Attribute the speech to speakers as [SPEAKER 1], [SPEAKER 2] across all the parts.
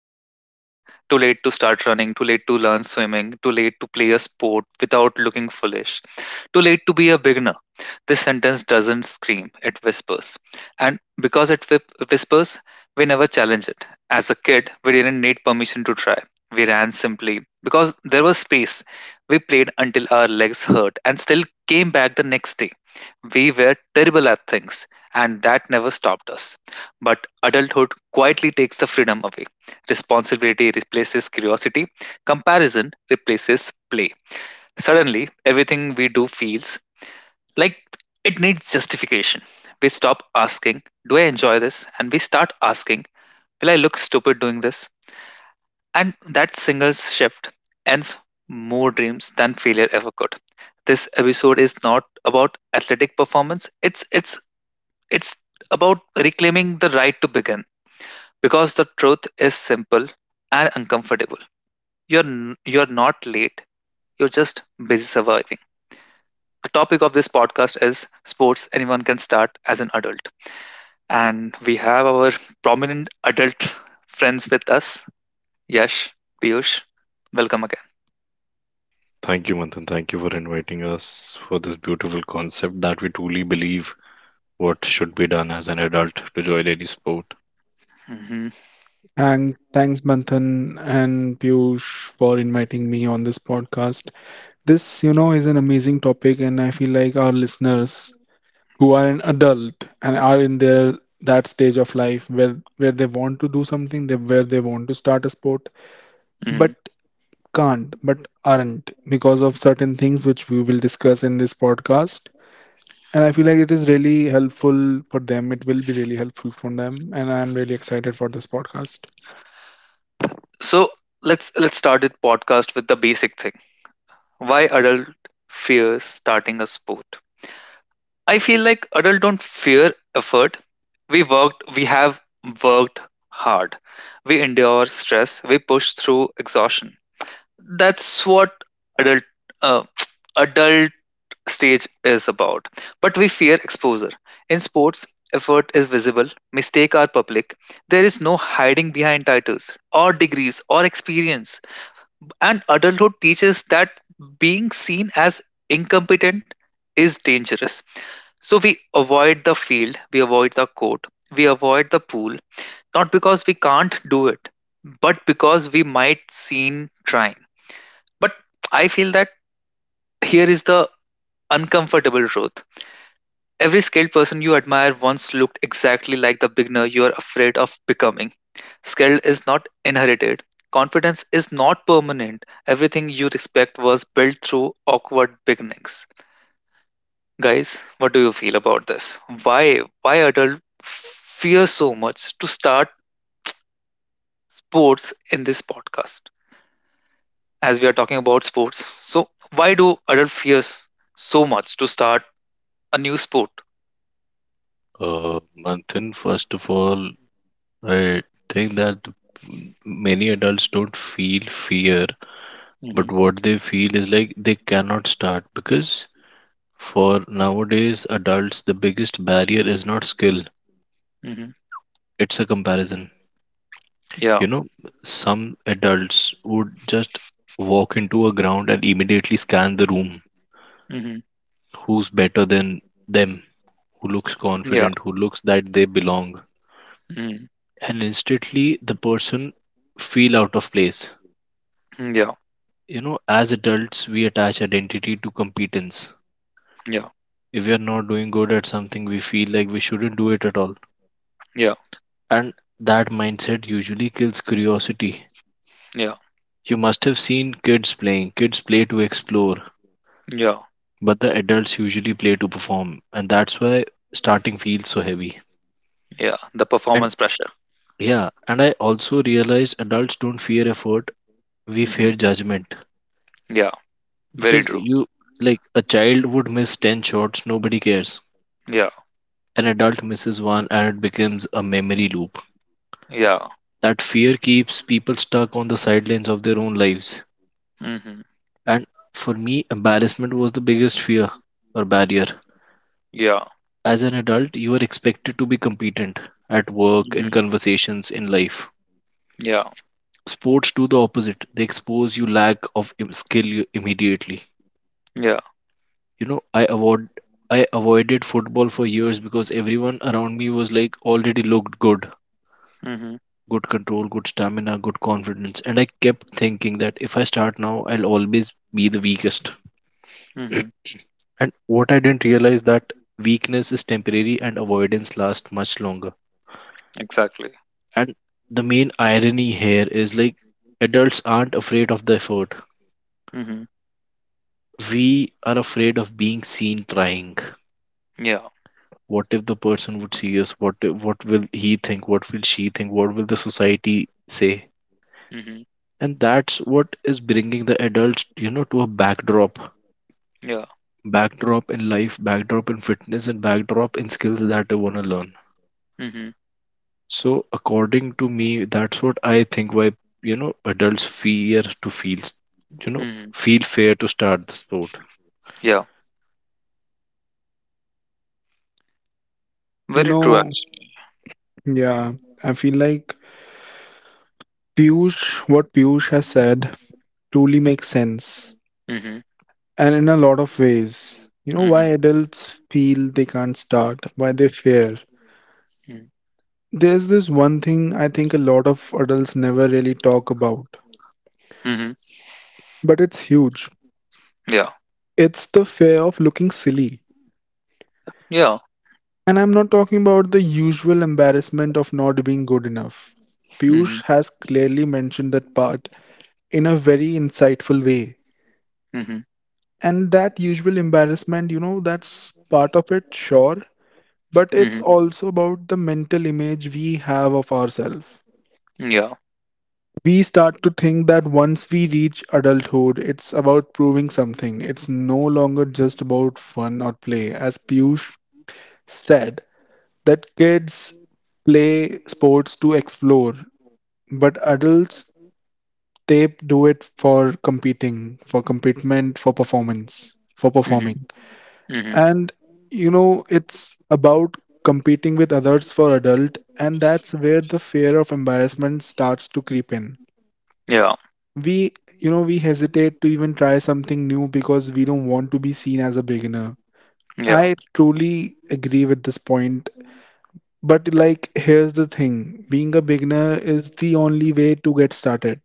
[SPEAKER 1] I am too late. Too late to start running, too late to learn swimming, too late to play a sport without looking foolish, too late to be a beginner. This sentence doesn't scream, it whispers. And because it whispers, we never challenge it. As a kid, we didn't need permission to try. We ran simply because there was space. We played until our legs hurt and still came back the next day. We were terrible at things, and that never stopped us. But adulthood quietly takes the freedom away. Responsibility replaces curiosity, comparison replaces play. Suddenly, everything we do feels like it needs justification. We stop asking, do I enjoy this? And we start asking, will I look stupid doing this? And that single shift ends more dreams than failure ever could. This episode is not about athletic performance, it's about reclaiming the right to begin, because the truth is simple and uncomfortable. You're not late. You're just busy surviving. The topic of this podcast is sports anyone can start as an adult. And we have our prominent adult friends with us. Yash, Piyush, welcome again.
[SPEAKER 2] Thank you, Manthan. Thank you for inviting us for this beautiful concept that we truly believe what should be done as an adult to join any sport.
[SPEAKER 1] Hmm.
[SPEAKER 3] And thanks, Manthan and Piyush, for inviting me on this podcast. This is an amazing topic, and I feel like our listeners who are an adult and are in their that stage of life where they want to do something, where they want to start a sport,
[SPEAKER 1] Hmm.
[SPEAKER 3] but can't, but aren't because of certain things which we will discuss in this podcast. And I feel like it is really helpful for them. It will be really helpful for them, and I'm really excited for this podcast.
[SPEAKER 1] So let's start this podcast with the basic thing. Why adult fears starting a sport? I feel like adults don't fear effort. We worked, we have worked hard. We endure stress. We push through exhaustion. That's what adult uh, adult stage is about. But we fear exposure. In sports, effort is visible. Mistakes are public. There is no hiding behind titles or degrees or experience. And adulthood teaches that being seen as incompetent is dangerous, so we avoid the field, we avoid the court, we avoid the pool, not because we can't do it, but because we might seem trying. But I feel that here is the uncomfortable truth. Every skilled person you admire once looked exactly like the beginner you are afraid of becoming. Skill is not inherited. Confidence is not permanent. Everything you respect was built through awkward beginnings. Guys, what do you feel about this? Why adults fear so much to start sports in this podcast? As we are talking about sports, so why do adults fear so much to start a new sport?
[SPEAKER 2] Uh, Manthan, first of all, I think that many adults don't feel fear, but
[SPEAKER 1] Hmm.
[SPEAKER 2] what they feel is like they cannot start because for nowadays adults, the biggest barrier is not skill,
[SPEAKER 1] Hmm.
[SPEAKER 2] it's a comparison.
[SPEAKER 1] Yeah.
[SPEAKER 2] You know, some adults would just walk into a ground and immediately scan the room
[SPEAKER 1] Hmm.
[SPEAKER 2] who's better than them, who looks
[SPEAKER 1] Yeah.
[SPEAKER 2] confident, who looks that they belong.
[SPEAKER 1] Mm.
[SPEAKER 2] And instantly the person feel out of place.
[SPEAKER 1] Yeah.
[SPEAKER 2] You know, as adults, we attach identity to competence.
[SPEAKER 1] Yeah.
[SPEAKER 2] If we are not doing good at something, we feel like we shouldn't do it at all.
[SPEAKER 1] Yeah.
[SPEAKER 2] And that mindset usually kills curiosity.
[SPEAKER 1] Yeah.
[SPEAKER 2] You must have seen kids playing. Kids play to explore,
[SPEAKER 1] Yeah.
[SPEAKER 2] but the adults usually play to perform. And that's why starting feels so heavy.
[SPEAKER 1] Yeah. The
[SPEAKER 2] And
[SPEAKER 1] performance pressure.
[SPEAKER 2] yeah, and I also realized adults don't fear effort, we
[SPEAKER 1] Hmm.
[SPEAKER 2] fear judgment.
[SPEAKER 1] Yeah. Very
[SPEAKER 2] Because,
[SPEAKER 1] true.
[SPEAKER 2] you like, a child would miss 10 shots, nobody cares.
[SPEAKER 1] Yeah.
[SPEAKER 2] An adult misses one and it becomes a memory loop.
[SPEAKER 1] Yeah.
[SPEAKER 2] That fear keeps people stuck on the sidelines of their own lives.
[SPEAKER 1] Hmm.
[SPEAKER 2] And for me, embarrassment was the biggest fear or barrier.
[SPEAKER 1] Yeah.
[SPEAKER 2] As an adult, you are expected to be competent at work, in
[SPEAKER 1] Hmm.
[SPEAKER 2] conversations, in life.
[SPEAKER 1] Yeah.
[SPEAKER 2] Sports do the opposite, they expose you lack of skill immediately.
[SPEAKER 1] Yeah.
[SPEAKER 2] You know, I avoided football for years because everyone around me was like already looked good,
[SPEAKER 1] Hmm.
[SPEAKER 2] good control, good stamina, good confidence, and I kept thinking that if I start now I'll always be the weakest.
[SPEAKER 1] Hmm.
[SPEAKER 2] And what I didn't realize that weakness is temporary and avoidance lasts much longer.
[SPEAKER 1] Exactly.
[SPEAKER 2] And the main irony here is like adults aren't afraid of the effort,
[SPEAKER 1] Hmm.
[SPEAKER 2] we are afraid of being seen trying.
[SPEAKER 1] Yeah.
[SPEAKER 2] What if the person would see us? What what will he think, what will she think, what will the society say?
[SPEAKER 1] Mhm.
[SPEAKER 2] And that's what is bringing the adults, you know, to a backdrop.
[SPEAKER 1] Yeah.
[SPEAKER 2] Backdrop in life, backdrop in fitness, and backdrop in skills that they want to learn.
[SPEAKER 1] Mhm.
[SPEAKER 2] So, according to me, that's what I think why, you know, adults fear to feel s- you know
[SPEAKER 1] Mhm.
[SPEAKER 2] feel fear to start the sport.
[SPEAKER 1] Yeah.
[SPEAKER 3] You
[SPEAKER 1] Very true,
[SPEAKER 3] know,
[SPEAKER 1] actually.
[SPEAKER 3] Yeah, I feel like what Piyush has said truly makes sense.
[SPEAKER 1] Mhm.
[SPEAKER 3] And in a lot of ways, why
[SPEAKER 1] Mhm.
[SPEAKER 3] adults feel they can't start, why they fear.
[SPEAKER 1] Mhm.
[SPEAKER 3] There's this one thing I think a lot of adults never really talk about,
[SPEAKER 1] Mhm.
[SPEAKER 3] but it's huge.
[SPEAKER 1] Yeah.
[SPEAKER 3] It's the fear of looking silly.
[SPEAKER 1] Yeah.
[SPEAKER 3] And I'm not talking about the usual embarrassment of not being good enough. Piyush
[SPEAKER 1] Mhm.
[SPEAKER 3] has clearly mentioned that part in a very insightful way.
[SPEAKER 1] Mhm.
[SPEAKER 3] And that usual embarrassment, that's part of it, sure, but it's
[SPEAKER 1] Mhm.
[SPEAKER 3] also about the mental image we have of ourselves.
[SPEAKER 1] Yeah.
[SPEAKER 3] We start to think that once we reach adulthood, it's about proving something. It's no longer just about fun or play, as Piyush said. That kids play sports to explore, but adults, they do it for competing, for commitment, for performance, for
[SPEAKER 1] Mhm.
[SPEAKER 3] performing.
[SPEAKER 1] Mhm.
[SPEAKER 3] And it's about competing with others for adult, and that's where the fear of embarrassment starts to creep in.
[SPEAKER 1] Yeah.
[SPEAKER 3] We you know we hesitate to even try something new because we don't want to be seen as a beginner.
[SPEAKER 1] Yeah.
[SPEAKER 3] I truly agree with this point. But like, here's the thing: being a beginner is the only way to get started.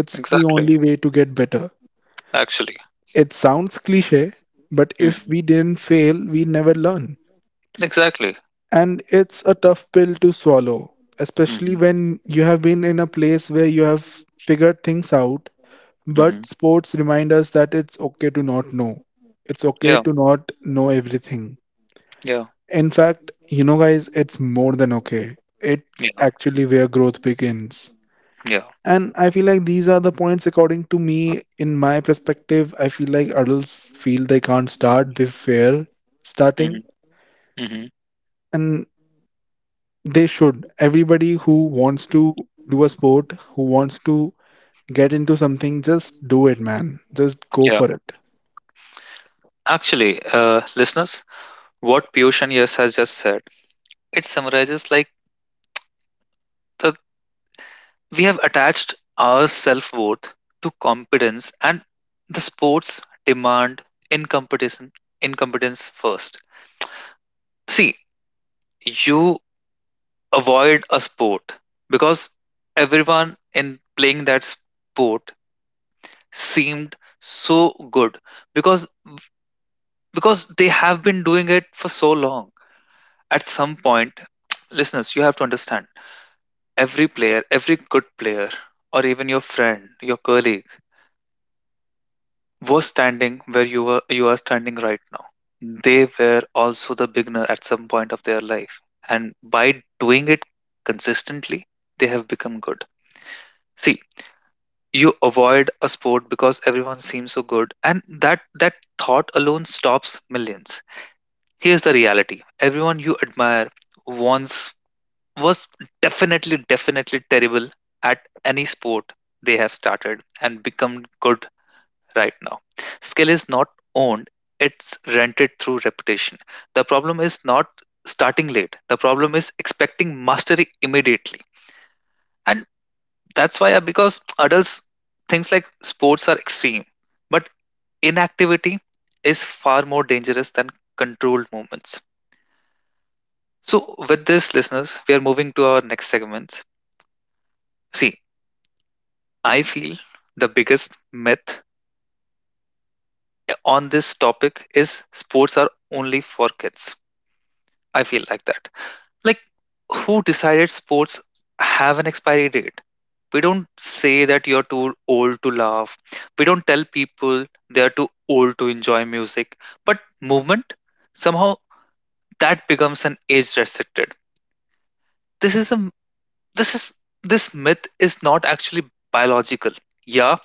[SPEAKER 3] It's the
[SPEAKER 1] Exactly.
[SPEAKER 3] only way to get better.
[SPEAKER 1] Actually.
[SPEAKER 3] It sounds cliche, but
[SPEAKER 1] Mhm.
[SPEAKER 3] if we didn't fail, we never learn.
[SPEAKER 1] Exactly.
[SPEAKER 3] And it's a tough pill to swallow, especially
[SPEAKER 1] Mhm.
[SPEAKER 3] when you have been in a place where you have figured things out. But
[SPEAKER 1] Mhm.
[SPEAKER 3] sports remind us that it's okay to not know. It's okay
[SPEAKER 1] Yeah.
[SPEAKER 3] to not know everything.
[SPEAKER 1] Yeah.
[SPEAKER 3] In fact, guys, it's more than okay. It's
[SPEAKER 1] Yeah.
[SPEAKER 3] actually where growth begins.
[SPEAKER 1] Yeah.
[SPEAKER 3] And I feel like these are the points, according to me, in my perspective. I feel like adults feel they can't start, they fear
[SPEAKER 1] Mhm.
[SPEAKER 3] starting.
[SPEAKER 1] Mhm.
[SPEAKER 3] And they should. Everybody who wants to do a sport, who wants to get into something, just do it, man. Just go
[SPEAKER 1] Yeah.
[SPEAKER 3] for it.
[SPEAKER 1] Actually, listeners, what Piyush and Yas has just said, it summarizes like the— we have attached our self worth to competence, and the sports demand incompetence, incompetence first. See, you avoid a sport because everyone in playing that sport seemed so good because because they have been doing it for so long. At some point, listeners, you have to understand every player, every good player, or even your friend, your colleague were standing where you were you are standing right now. They were also the beginner at some point of their life, and by doing it consistently they have become good. See, you avoid a sport because everyone seems so good, and that thought alone stops millions. Here's the reality: everyone you admire once was definitely definitely terrible at any sport. They have started and become good right now. Skill is not owned, it's rented through reputation. The problem is not starting late, the problem is expecting mastery immediately. And that's why, because adults, things like sports are extreme, but inactivity is far more dangerous than controlled movements. So, with this, listeners, we are moving to our next segments. See, I feel the biggest myth on this topic is sports are only for kids. I feel like that. Like, who decided sports have an expiry date? We don't say that you're too old to laugh. We don't tell people they're too old to enjoy music. But movement, somehow that becomes an age restricted. This is a this is this myth is not actually biological. Yeah,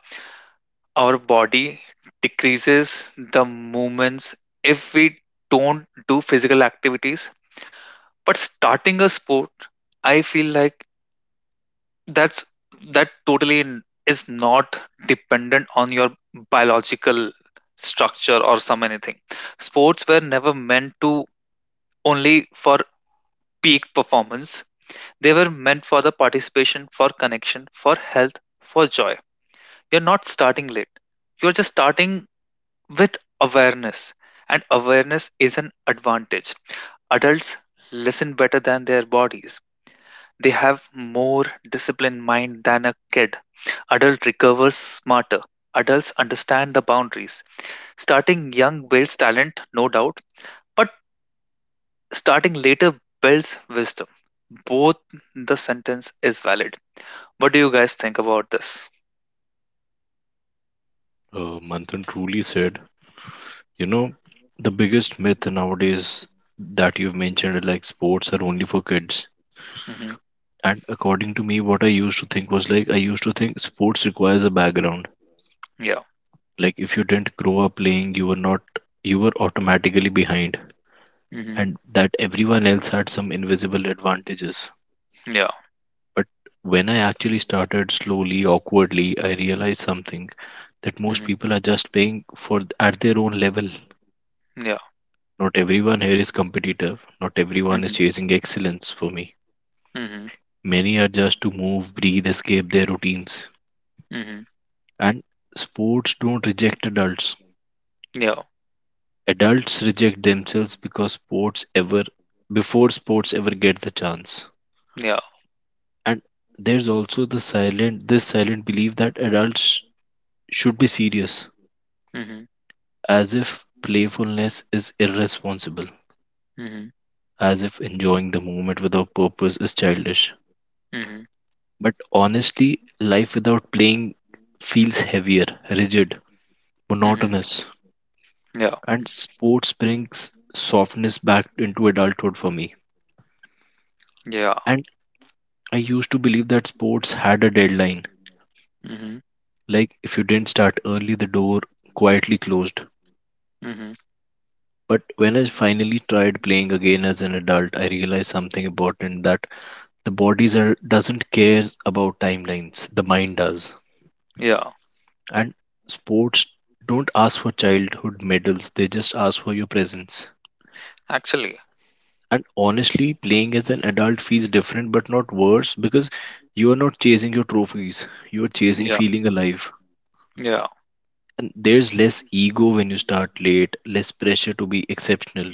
[SPEAKER 1] our body decreases the movements if we don't do physical activities. But starting a sport, I feel like that's that totally is not dependent on your biological structure or some anything. Sports were never meant to only for peak performance. They were meant for the participation, for connection, for health, for joy. You're not starting late, you're just starting with awareness, and awareness is an advantage. Adults listen better than their bodies. They have more disciplined mind than a kid. Adult recovers smarter. Adults understand the boundaries. Starting young builds talent, no doubt, but starting later builds wisdom. Both the sentence is valid. What do you guys think about this?
[SPEAKER 2] Manthan truly said, you know, the biggest myth nowadays that you've mentioned, like sports are only for kids.
[SPEAKER 1] Hmm.
[SPEAKER 2] And according to me, what I used to think was like I used to think sports requires a background.
[SPEAKER 1] Yeah.
[SPEAKER 2] Like if you didn't grow up playing you were not, you were automatically behind,
[SPEAKER 1] Hmm.
[SPEAKER 2] and that everyone else had some invisible advantages.
[SPEAKER 1] Yeah.
[SPEAKER 2] But when I actually started slowly, awkwardly, I realized something that most
[SPEAKER 1] Hmm.
[SPEAKER 2] people are just playing for at their own level.
[SPEAKER 1] Yeah.
[SPEAKER 2] Not everyone here is competitive, not everyone is
[SPEAKER 1] Hmm.
[SPEAKER 2] chasing excellence. For me,
[SPEAKER 1] Hmm.
[SPEAKER 2] many are just to move, breathe, escape their routines.
[SPEAKER 1] Hmm.
[SPEAKER 2] And sports don't reject adults.
[SPEAKER 1] Yeah.
[SPEAKER 2] Adults reject themselves because sports ever before sports ever get the chance.
[SPEAKER 1] Yeah.
[SPEAKER 2] And there's also the silent this silent belief that adults should be serious,
[SPEAKER 1] Hmm.
[SPEAKER 2] as if playfulness is irresponsible,
[SPEAKER 1] Hmm.
[SPEAKER 2] as if enjoying the moment without purpose is childish.
[SPEAKER 1] Hmm. Hmm.
[SPEAKER 2] But honestly, life without playing feels heavier, rigid, monotonous,
[SPEAKER 1] Yeah.
[SPEAKER 2] and sports brings softness back into adulthood for me.
[SPEAKER 1] Yeah.
[SPEAKER 2] And I used to believe that sports had a deadline.
[SPEAKER 1] Hmm.
[SPEAKER 2] Like, if you didn't start early, the door quietly closed.
[SPEAKER 1] Hmm.
[SPEAKER 2] But when I finally tried playing again as an adult, I realized something important, that the body doesn't care about timelines, the mind does.
[SPEAKER 1] Yeah.
[SPEAKER 2] And sports don't ask for childhood medals, they just ask for your presence.
[SPEAKER 1] Actually.
[SPEAKER 2] And honestly, playing as an adult feels different but not worse, because you are not chasing your trophies, you are chasing
[SPEAKER 1] Yeah.
[SPEAKER 2] feeling alive.
[SPEAKER 1] Yeah.
[SPEAKER 2] And there's less ego when you start late, less pressure to be exceptional,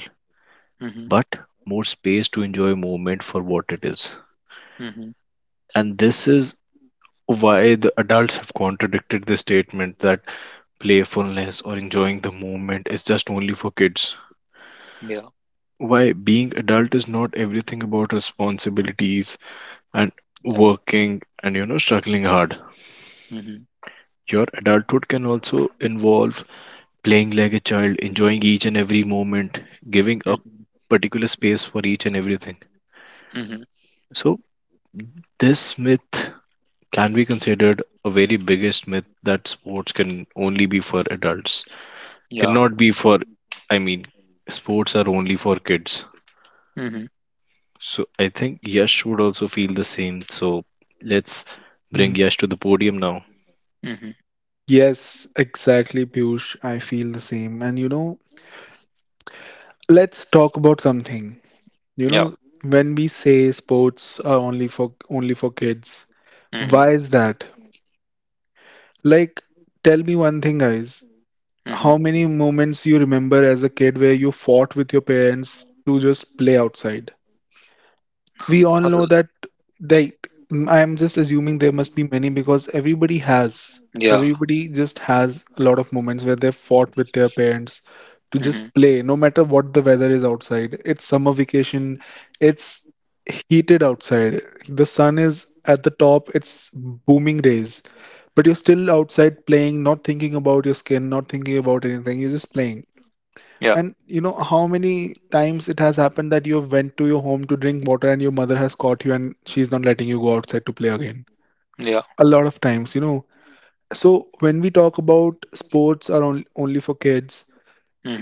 [SPEAKER 1] Hmm.
[SPEAKER 2] but more space to enjoy movement for what it is.
[SPEAKER 1] Hmm.
[SPEAKER 2] And this is why the adults have contradicted the statement that playfulness or enjoying the movement is just only for kids.
[SPEAKER 1] Yeah.
[SPEAKER 2] Why being adult is not everything about responsibilities and
[SPEAKER 1] Yeah.
[SPEAKER 2] working and, you know, struggling hard.
[SPEAKER 1] Hmm.
[SPEAKER 2] Your adulthood can also involve playing like a child, enjoying each and every moment, giving up particular space for each and everything.
[SPEAKER 1] Hmm.
[SPEAKER 2] So this myth can be considered a very biggest myth that sports can only be for adults,
[SPEAKER 1] Ja.
[SPEAKER 2] cannot be for, I mean, sports are only for kids.
[SPEAKER 1] Mhm.
[SPEAKER 2] So I think Yash would also feel the same, so let's bring
[SPEAKER 3] Mm.
[SPEAKER 2] Yash to the podium now.
[SPEAKER 1] Mhm.
[SPEAKER 3] Yes, exactly, Piyush. I feel the same. And let's talk about something. You
[SPEAKER 1] Ja.
[SPEAKER 3] know, when we say sports are only for kids,
[SPEAKER 1] Mhm.
[SPEAKER 3] why is that? Like, tell me one thing, guys. How
[SPEAKER 1] Mhm.
[SPEAKER 3] many moments you remember as a kid where you fought with your parents to just play outside? We all
[SPEAKER 1] Also.
[SPEAKER 3] know that they I am just assuming there must be many because everybody has.
[SPEAKER 1] Ja.
[SPEAKER 3] Everybody just has a lot of moments where they fought with their parents to
[SPEAKER 1] Mhm.
[SPEAKER 3] just play, no matter what the weather is outside. It's summer vacation, it's heated outside. The sun is at the top, it's booming rays, but you're still outside playing, not thinking about your skin, not thinking about anything. You're just playing.
[SPEAKER 1] Ja.
[SPEAKER 3] And you know how many times it has happened that you have went to your home to drink water and your mother has caught you, and she's not letting you go outside to play again.
[SPEAKER 1] Ja.
[SPEAKER 3] A lot of times. So when we talk about sports are only for kids,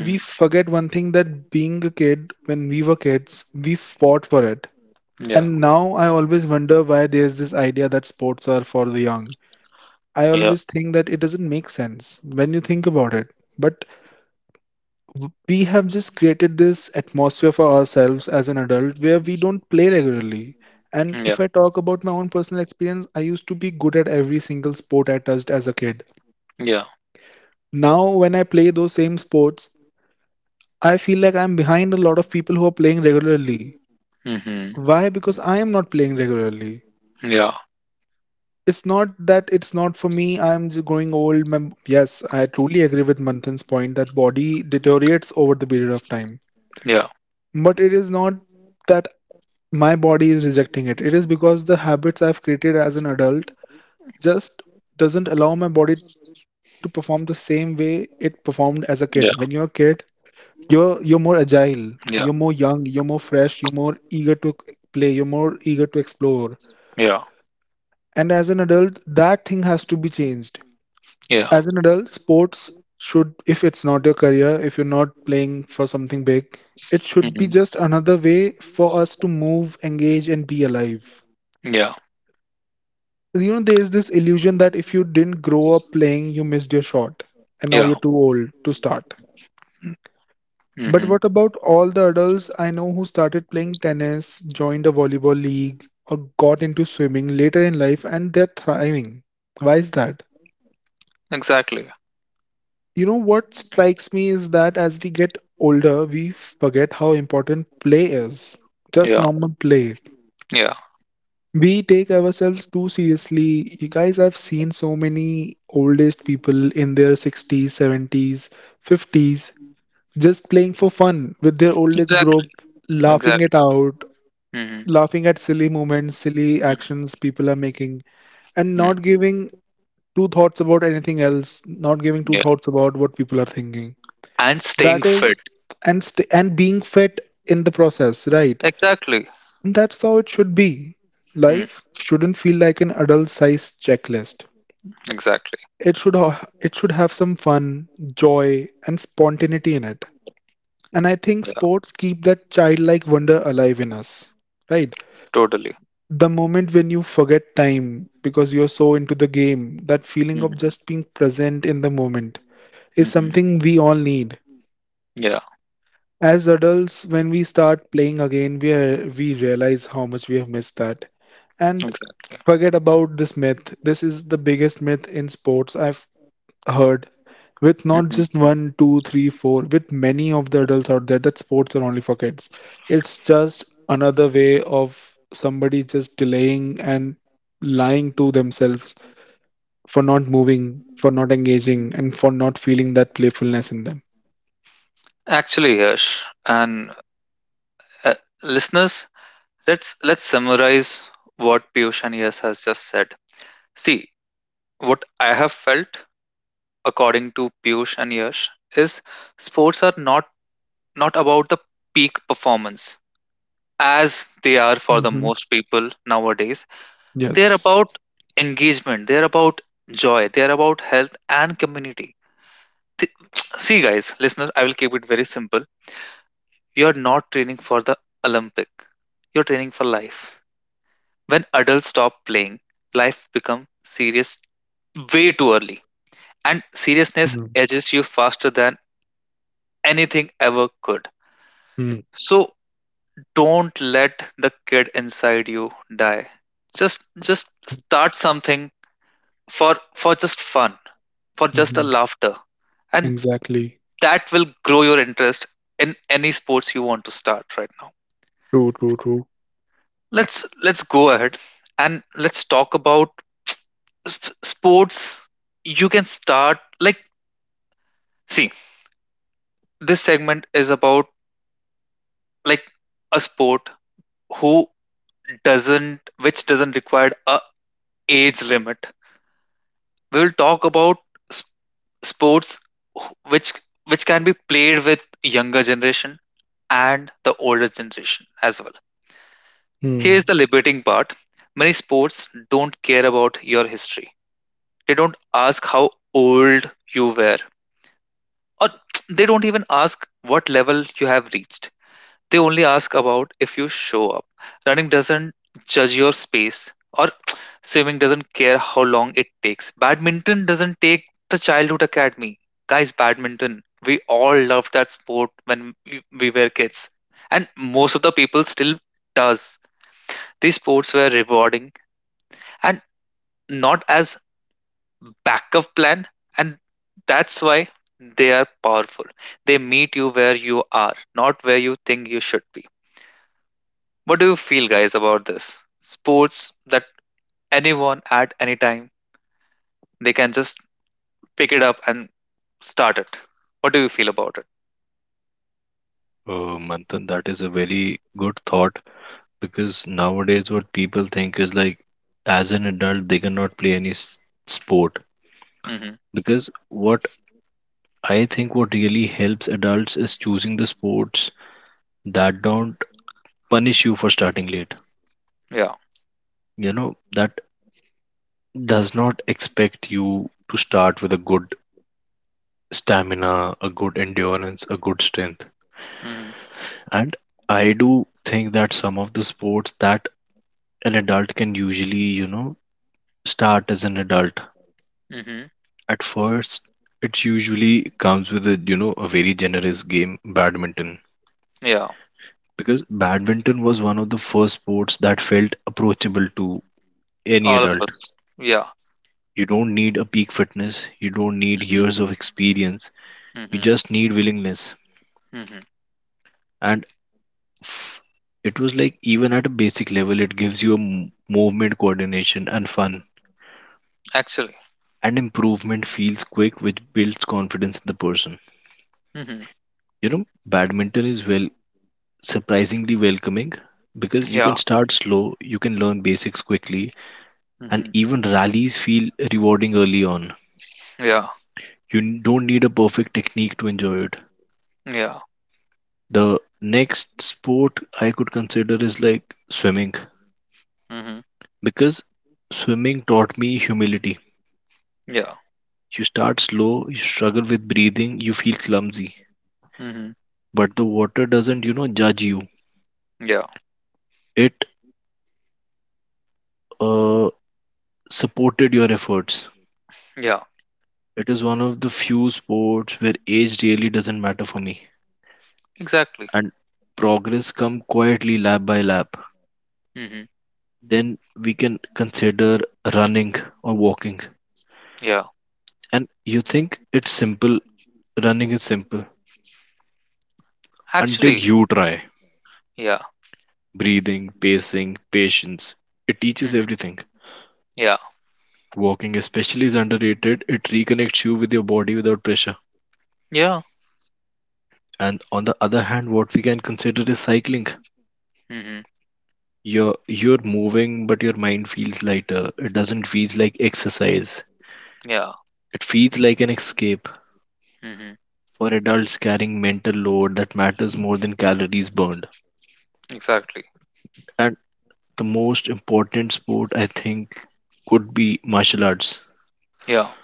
[SPEAKER 3] we forget one thing, that being a kid, when we were kids, we fought for it.
[SPEAKER 1] Ja.
[SPEAKER 3] And now I always wonder why there's this idea that sports are for the young. I
[SPEAKER 1] Ja.
[SPEAKER 3] always think that it doesn't make sense when you think about it. But we have just created this atmosphere for ourselves as an adult where we don't play regularly. And
[SPEAKER 1] Ja.
[SPEAKER 3] if I talk about my own personal experience, I used to be good at every single sport I touched as a kid.
[SPEAKER 1] Ja.
[SPEAKER 3] Now, when I play those same sports, I feel like I'm behind a lot of people who are playing regularly.
[SPEAKER 1] Mhm.
[SPEAKER 3] Why? Because I am not playing regularly.
[SPEAKER 1] Ja.
[SPEAKER 3] It's not that it's not for me. I'm just growing old. Yes, I truly agree with Manthan's point that body deteriorates over the period of time.
[SPEAKER 1] Ja.
[SPEAKER 3] But it is not that my body is rejecting it. It is because the habits I've created as an adult just doesn't allow my body to perform the same way it performed as a kid. When you're a
[SPEAKER 1] Ja.
[SPEAKER 3] kid, you're more agile, you're more
[SPEAKER 1] Ja.
[SPEAKER 3] young, you're more fresh, you're more eager to play, you're more eager to explore.
[SPEAKER 1] Yeah,
[SPEAKER 3] And as an adult, that thing has to be changed.
[SPEAKER 1] yeah.
[SPEAKER 3] As an adult, sports should, if it's not your career, if you're not playing for something big, it should be
[SPEAKER 1] Mhm.
[SPEAKER 3] just another way for us to move, engage, and be alive.
[SPEAKER 1] Yeah,
[SPEAKER 3] There's this illusion that if you didn't grow up playing, you missed your shot, and now you're
[SPEAKER 1] yeah.
[SPEAKER 3] too old to start. But
[SPEAKER 1] Mhm.
[SPEAKER 3] what about all the adults I know who started playing tennis, joined a volleyball league, or got into swimming later in life and they're thriving? Why is that?
[SPEAKER 1] Exactly.
[SPEAKER 3] What strikes me is that as we get older, we forget how important play is. Just
[SPEAKER 1] Yeah,
[SPEAKER 3] normal play.
[SPEAKER 1] yeah.
[SPEAKER 3] We take ourselves too seriously. You guys, I've seen so many oldest people in their 60s, 70s, 50s just playing for fun with their oldest group,
[SPEAKER 1] Exactly.
[SPEAKER 3] laughing it
[SPEAKER 1] Exactly.
[SPEAKER 3] out,
[SPEAKER 1] Mhm.
[SPEAKER 3] laughing at silly moments, silly actions people are making, and
[SPEAKER 1] Mhm.
[SPEAKER 3] not giving two thoughts about anything else, not giving two
[SPEAKER 1] Yeah.
[SPEAKER 3] thoughts about what people are thinking.
[SPEAKER 1] And staying
[SPEAKER 3] That is,
[SPEAKER 1] fit.
[SPEAKER 3] and st and being fit in the process, right?
[SPEAKER 1] Exactly.
[SPEAKER 3] And that's how it should be.
[SPEAKER 1] Mm.
[SPEAKER 3] Life shouldn't feel like an adult-sized checklist.
[SPEAKER 1] Exactly.
[SPEAKER 3] It should have some fun, joy, and spontaneity in it. And I think
[SPEAKER 1] Yeah.
[SPEAKER 3] sports keep that childlike wonder alive in us. Right?
[SPEAKER 1] Totally.
[SPEAKER 3] The moment when you forget time because you're so into the game, that feeling of
[SPEAKER 1] Mhm.
[SPEAKER 3] just being present in the moment is
[SPEAKER 1] Mhm.
[SPEAKER 3] something we all need.
[SPEAKER 1] Yeah,
[SPEAKER 3] As adults, when we start playing again, we realize how much we have missed that. And
[SPEAKER 1] exactly.
[SPEAKER 3] forget about this myth. This is the biggest myth in sports I've heard. With not
[SPEAKER 1] Mhm.
[SPEAKER 3] just one, two, three, four, with many of the adults out there, that sports are only for kids. It's just another way of somebody just delaying and lying to themselves for not moving, for not engaging, and for not feeling that playfulness in them.
[SPEAKER 1] Actually, Yash and uh, listeners, let's summarize what Piyush and Yash has just said. See, what I have felt according to Piyush and Yash is sports are not about the peak performance as they are for the
[SPEAKER 3] Hmm.
[SPEAKER 1] most people nowadays. They are
[SPEAKER 3] Yes.
[SPEAKER 1] about engagement. They are about joy. They are about health and community. Th- See, guys, listeners, I will keep it very simple. You're not training for the Olympic. You're training for life. When adults stop playing, life becomes serious way too early. And seriousness
[SPEAKER 3] Mm-hmm.
[SPEAKER 1] edges you faster than anything ever could.
[SPEAKER 3] Mm-hmm.
[SPEAKER 1] So don't let the kid inside you die. Just start something for just fun, for just a
[SPEAKER 3] Mm-hmm.
[SPEAKER 1] laughter. And
[SPEAKER 3] Exactly.
[SPEAKER 1] that will grow your interest in any sports you want to start right now.
[SPEAKER 3] True, true, true.
[SPEAKER 1] Let's go ahead and let's talk about sports you can start. Like, see, this segment is about like a sport who doesn't, which doesn't require a age limit. We will talk about s- sports wh- which which can be played with younger generation and the older generation as well. Here's
[SPEAKER 3] Hmm.
[SPEAKER 1] the liberating part: many sports don't care about your history. They don't ask how old you were, or they don't even ask what level you have reached. They only ask about if you show up. Running doesn't judge your space, or swimming doesn't care how long it takes. Badminton doesn't take the childhood academy. Guys, badminton. We all loved that sport when we were kids, and most of the people still does. These sports were rewarding and not as backup plan, and that's why they are powerful. They meet you where you are, not where you think you should be. What do you feel guys about this, sports that anyone at any time they can just pick it up and start it? What do you feel about it?
[SPEAKER 2] Manthan, that is a very good thought, because nowadays what people think is like as an adult they cannot play any sport.
[SPEAKER 1] Mm-hmm.
[SPEAKER 2] Because what I think, what really helps adults is choosing the sports that don't punish you for starting late,
[SPEAKER 1] Yeah.
[SPEAKER 2] you know, that does not expect you to start with a good stamina, a good endurance, a good strength.
[SPEAKER 1] mm-hmm.
[SPEAKER 2] And I do think that some of the sports that an adult can usually, you know, start as an adult
[SPEAKER 1] Mm-hmm.
[SPEAKER 2] at first, it usually comes with a, you know, a very generous game, badminton.
[SPEAKER 1] Yeah.
[SPEAKER 2] Because badminton was one of the first sports that felt approachable to any
[SPEAKER 1] All of
[SPEAKER 2] adult.
[SPEAKER 1] us. Yeah.
[SPEAKER 2] You don't need a peak fitness, you don't need
[SPEAKER 1] mm-hmm.
[SPEAKER 2] years of experience, you
[SPEAKER 1] Mm-hmm.
[SPEAKER 2] just need willingness.
[SPEAKER 1] Mm-hmm.
[SPEAKER 2] And f- it was like even at a basic level it gives you a movement, coordination and fun,
[SPEAKER 1] Actually.
[SPEAKER 2] and improvement feels quick, which builds confidence in the person.
[SPEAKER 1] Mm-hmm.
[SPEAKER 2] You know, badminton is, well, surprisingly welcoming, because you can
[SPEAKER 1] Yeah.
[SPEAKER 2] start slow, you can learn basics quickly, and
[SPEAKER 1] mm-hmm.
[SPEAKER 2] even rallies feel rewarding early on.
[SPEAKER 1] Yeah.
[SPEAKER 2] You don't need a perfect technique to enjoy it.
[SPEAKER 1] Yeah.
[SPEAKER 2] The next sport I could consider is like swimming.
[SPEAKER 1] mm-hmm.
[SPEAKER 2] Because swimming taught me humility.
[SPEAKER 1] Yeah.
[SPEAKER 2] You start slow, you struggle with breathing, you feel clumsy,
[SPEAKER 1] mm-hmm.
[SPEAKER 2] but the water doesn't, you know, judge you.
[SPEAKER 1] Yeah.
[SPEAKER 2] It uh, supported your efforts.
[SPEAKER 1] Yeah.
[SPEAKER 2] It is one of the few sports where age really doesn't matter for me,
[SPEAKER 1] Exactly.
[SPEAKER 2] and progress come quietly lap by lap.
[SPEAKER 1] Mhm.
[SPEAKER 2] Then we can consider running or walking.
[SPEAKER 1] Yeah.
[SPEAKER 2] And you think it's simple, running is simple until
[SPEAKER 1] Actually,
[SPEAKER 2] you try
[SPEAKER 1] yeah.
[SPEAKER 2] breathing, pacing, patience. It teaches
[SPEAKER 1] Mhm.
[SPEAKER 2] everything.
[SPEAKER 1] Yeah.
[SPEAKER 2] Walking especially is underrated. It reconnects you with your body without pressure.
[SPEAKER 1] Yeah.
[SPEAKER 2] And on the other hand, what we can consider is cycling.
[SPEAKER 1] Mhm.
[SPEAKER 2] You're moving, but your mind feels lighter. It doesn't feel like exercise.
[SPEAKER 1] Yeah.
[SPEAKER 2] It feels like an escape
[SPEAKER 1] Mhm.
[SPEAKER 2] for adults carrying mental load that matters more than calories burned.
[SPEAKER 1] Exactly.
[SPEAKER 2] And the most important sport I think could be martial arts.
[SPEAKER 1] Yeah.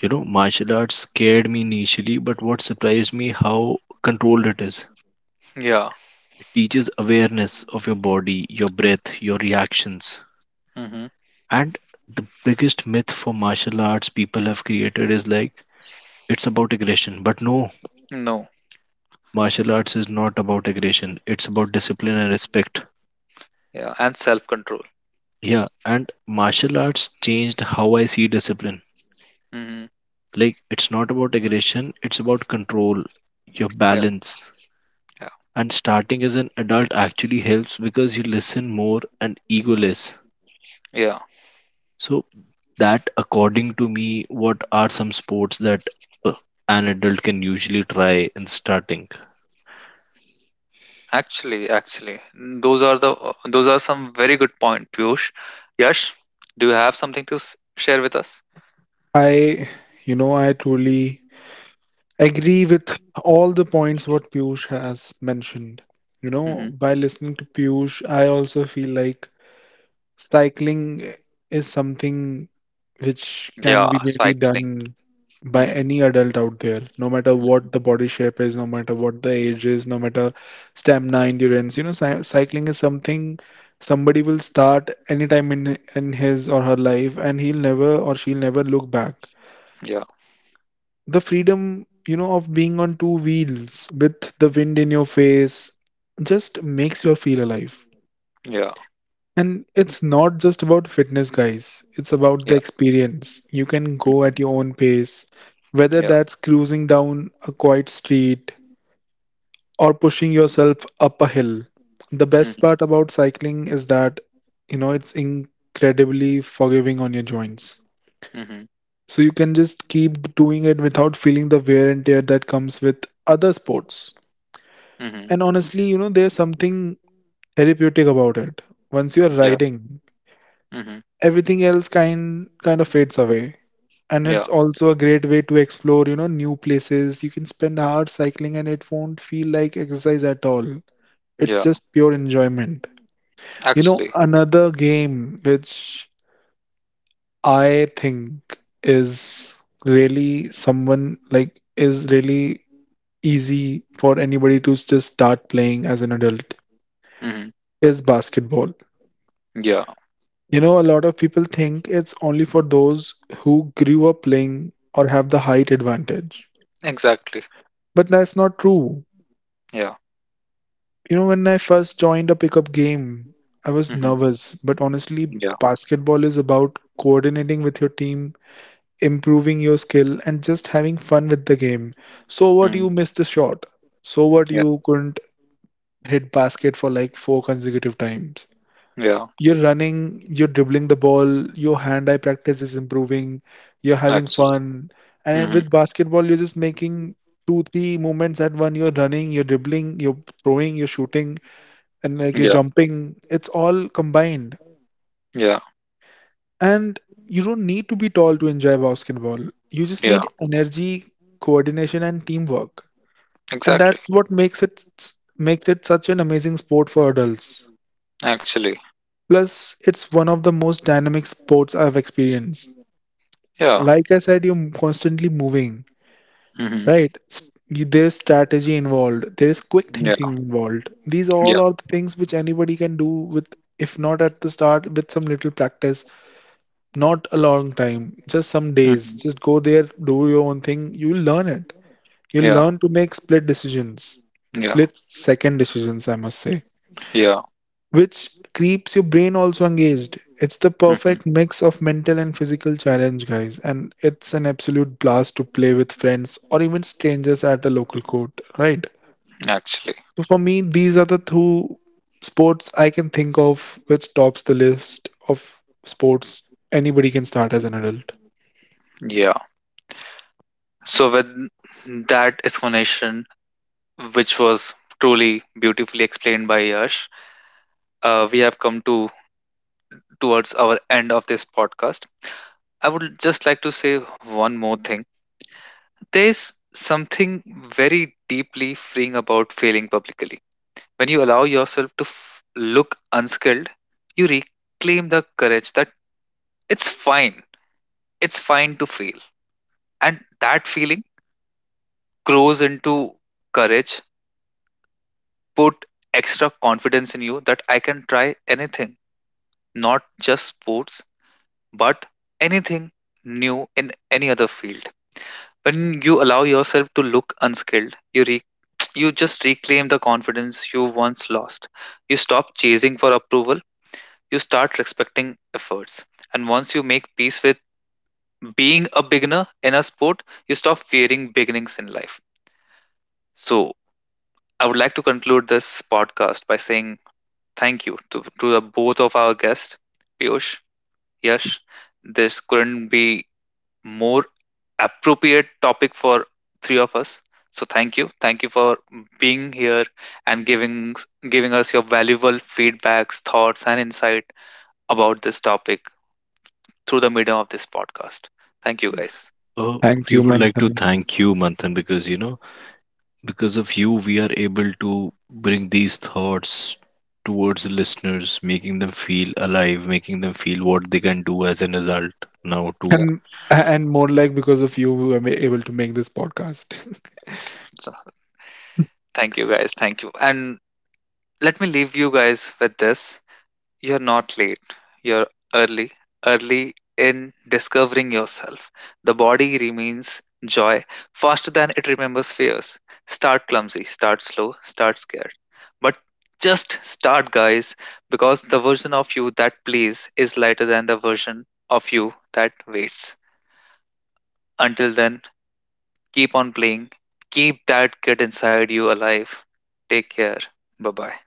[SPEAKER 2] You know, martial arts scared me initially, but what surprised me how controlled it is.
[SPEAKER 1] Yeah.
[SPEAKER 2] It teaches awareness of your body, your breath, your reactions.
[SPEAKER 1] Mhm.
[SPEAKER 2] And the biggest myth for martial arts people have created is like it's about aggression. But no,
[SPEAKER 1] No.
[SPEAKER 2] martial arts is not about aggression, it's about discipline and respect.
[SPEAKER 1] Yeah. And self-control.
[SPEAKER 2] Yeah, and martial arts changed how I see discipline.
[SPEAKER 1] Mhm.
[SPEAKER 2] Like, it's not about aggression, it's about control, your
[SPEAKER 1] Yeah.
[SPEAKER 2] balance.
[SPEAKER 1] Yeah.
[SPEAKER 2] And starting as an adult actually helps because you listen more and ego less.
[SPEAKER 1] Yeah.
[SPEAKER 2] So that, according to me, what are some sports that uh, an adult can usually try in starting?
[SPEAKER 1] Actually, mm, those are the those are some very good point, Piyush. Yash, do you have something to share with us?
[SPEAKER 3] I, I truly agree with all the points what Piyush has mentioned. You know,
[SPEAKER 1] Mhm.
[SPEAKER 3] by listening to Piyush, I also feel like cycling is something which can be
[SPEAKER 1] Yeah.
[SPEAKER 3] really
[SPEAKER 1] Cycling.
[SPEAKER 3] done by
[SPEAKER 1] Mhm.
[SPEAKER 3] any adult out there, no matter what the body shape is, no matter what the age is, no matter stamina, endurance. Cycling is something somebody will start anytime in his or her life, and he'll never or she'll never look back.
[SPEAKER 1] Yeah.
[SPEAKER 3] The freedom of being on two wheels with the wind in your face just makes you feel alive.
[SPEAKER 1] Yeah.
[SPEAKER 3] And it's not just about fitness, guys. It's about the
[SPEAKER 1] Yeah.
[SPEAKER 3] experience. You can go at your
[SPEAKER 1] Mhm.
[SPEAKER 3] own pace, whether
[SPEAKER 1] Yeah.
[SPEAKER 3] that's cruising down a quiet street or pushing yourself up a hill. The best
[SPEAKER 1] Mhm.
[SPEAKER 3] part about cycling is that it's incredibly forgiving on your joints.
[SPEAKER 1] Mhm.
[SPEAKER 3] So you can just keep doing it without feeling the wear and tear that comes with other sports.
[SPEAKER 1] Mhm.
[SPEAKER 3] And honestly, there's something therapeutic about it. Once you're
[SPEAKER 1] Yeah.
[SPEAKER 3] riding,
[SPEAKER 1] Mhm.
[SPEAKER 3] everything else kind of fades away. And it's
[SPEAKER 1] Yeah.
[SPEAKER 3] also a great way to explore, new places. You can spend hours cycling, and it won't feel like exercise at all. It's
[SPEAKER 1] Yeah.
[SPEAKER 3] just pure enjoyment. You know,
[SPEAKER 1] Actually.
[SPEAKER 3] another game which I think is is really easy for anybody to
[SPEAKER 1] Mhm.
[SPEAKER 3] just start playing as an adult
[SPEAKER 1] Mhm.
[SPEAKER 3] is basketball.
[SPEAKER 1] Yeah,
[SPEAKER 3] A lot of people think it's only for those who grew up playing or have the height advantage.
[SPEAKER 1] exactly.
[SPEAKER 3] But that's not true.
[SPEAKER 1] Yeah.
[SPEAKER 3] When I first joined a pickup game, I was
[SPEAKER 1] Hmm.
[SPEAKER 3] nervous, but honestly,
[SPEAKER 1] Yeah.
[SPEAKER 3] basketball is about coordinating with your team, improving your skill, and just having fun with the game. So what,
[SPEAKER 1] Mm,
[SPEAKER 3] you missed the shot? So what,
[SPEAKER 1] yeah.
[SPEAKER 3] you couldn't hit basket for like four consecutive times?
[SPEAKER 1] Yeah.
[SPEAKER 3] You're running, you're dribbling the ball, your hand eye practice is improving, you're having
[SPEAKER 1] Actually.
[SPEAKER 3] fun. And
[SPEAKER 1] Hmm.
[SPEAKER 3] with basketball, you're just making two, three movements at one. You're running, you're dribbling, you're throwing, you're shooting, and like you're
[SPEAKER 1] Yeah.
[SPEAKER 3] jumping. It's all combined.
[SPEAKER 1] Yeah.
[SPEAKER 3] And you don't need to be tall to enjoy basketball. You just
[SPEAKER 1] Yeah.
[SPEAKER 3] need energy, coordination, and teamwork. And
[SPEAKER 1] Exactly.
[SPEAKER 3] that's what makes it such an amazing sport for adults.
[SPEAKER 1] Actually.
[SPEAKER 3] Plus, it's one of the most dynamic sports I've experienced.
[SPEAKER 1] Yeah.
[SPEAKER 3] Like I said, you're constantly moving,
[SPEAKER 1] Hmm.
[SPEAKER 3] right? There's strategy involved, there is quick
[SPEAKER 1] Yeah.
[SPEAKER 3] thinking involved. These
[SPEAKER 1] Yeah.
[SPEAKER 3] all are the things which anybody can do with, if not at the start, with some little practice, not a long time, just some days.
[SPEAKER 1] Hmm.
[SPEAKER 3] Just go there, do your own thing. You'll learn it. You'll
[SPEAKER 1] Yeah.
[SPEAKER 3] learn to make split decisions,
[SPEAKER 1] Yeah.
[SPEAKER 3] split second decisions, I must say,
[SPEAKER 1] Yeah.
[SPEAKER 3] which keeps your brain also engaged. It's the
[SPEAKER 1] Hmm.
[SPEAKER 3] perfect mix of mental and physical challenge, guys, and it's an absolute blast to play with friends or even strangers at a local court, right?
[SPEAKER 1] Actually.
[SPEAKER 3] So for me, these are the two sports I can think of which tops the list of sports anybody can start as an adult.
[SPEAKER 1] Yeah. So with that explanation, which was truly beautifully explained by Yash, we have come to towards our end of this podcast. I would just like to say one more thing. There's something very deeply freeing about failing publicly. When you allow yourself to look unskilled, you reclaim the courage that it's fine. It's fine to fail. And that feeling grows into courage, put extra confidence in you that I can try anything, not just sports, but anything new in any other field. When you allow yourself to look unskilled, you just reclaim the confidence you once lost. You stop chasing for approval, you start respecting efforts. And once you make peace with being a beginner in a sport, you stop fearing beginnings in life. So, I would like to conclude this podcast by saying thank you to the both of our guests, Piyush, Yash. This couldn't be more appropriate topic for three of us. So thank you for being here and giving us your valuable feedbacks, thoughts, and insight about this topic through the medium of this podcast. Thank you, guys.
[SPEAKER 2] Uh,
[SPEAKER 3] Thank
[SPEAKER 2] we
[SPEAKER 3] you,
[SPEAKER 2] would like to
[SPEAKER 3] Manthan.
[SPEAKER 2] thank you, Manthan, because, you know, because of you, we are able to bring these thoughts towards the listeners, making them feel alive, making them feel what they can do as an adult now
[SPEAKER 1] Yeah.
[SPEAKER 2] to
[SPEAKER 3] And and more like because of you, we were able to make this podcast.
[SPEAKER 1] So, thank you, guys. Thank you. And let me leave you guys with this. You're not late. You're early, early in discovering yourself. The body remains joy faster than it remembers fears. Start clumsy, start slow, start scared. But just start, guys, because the version of you that plays is lighter than the version of you that waits. Until then, keep on playing. Keep that kid inside you alive. Take care. Bye bye.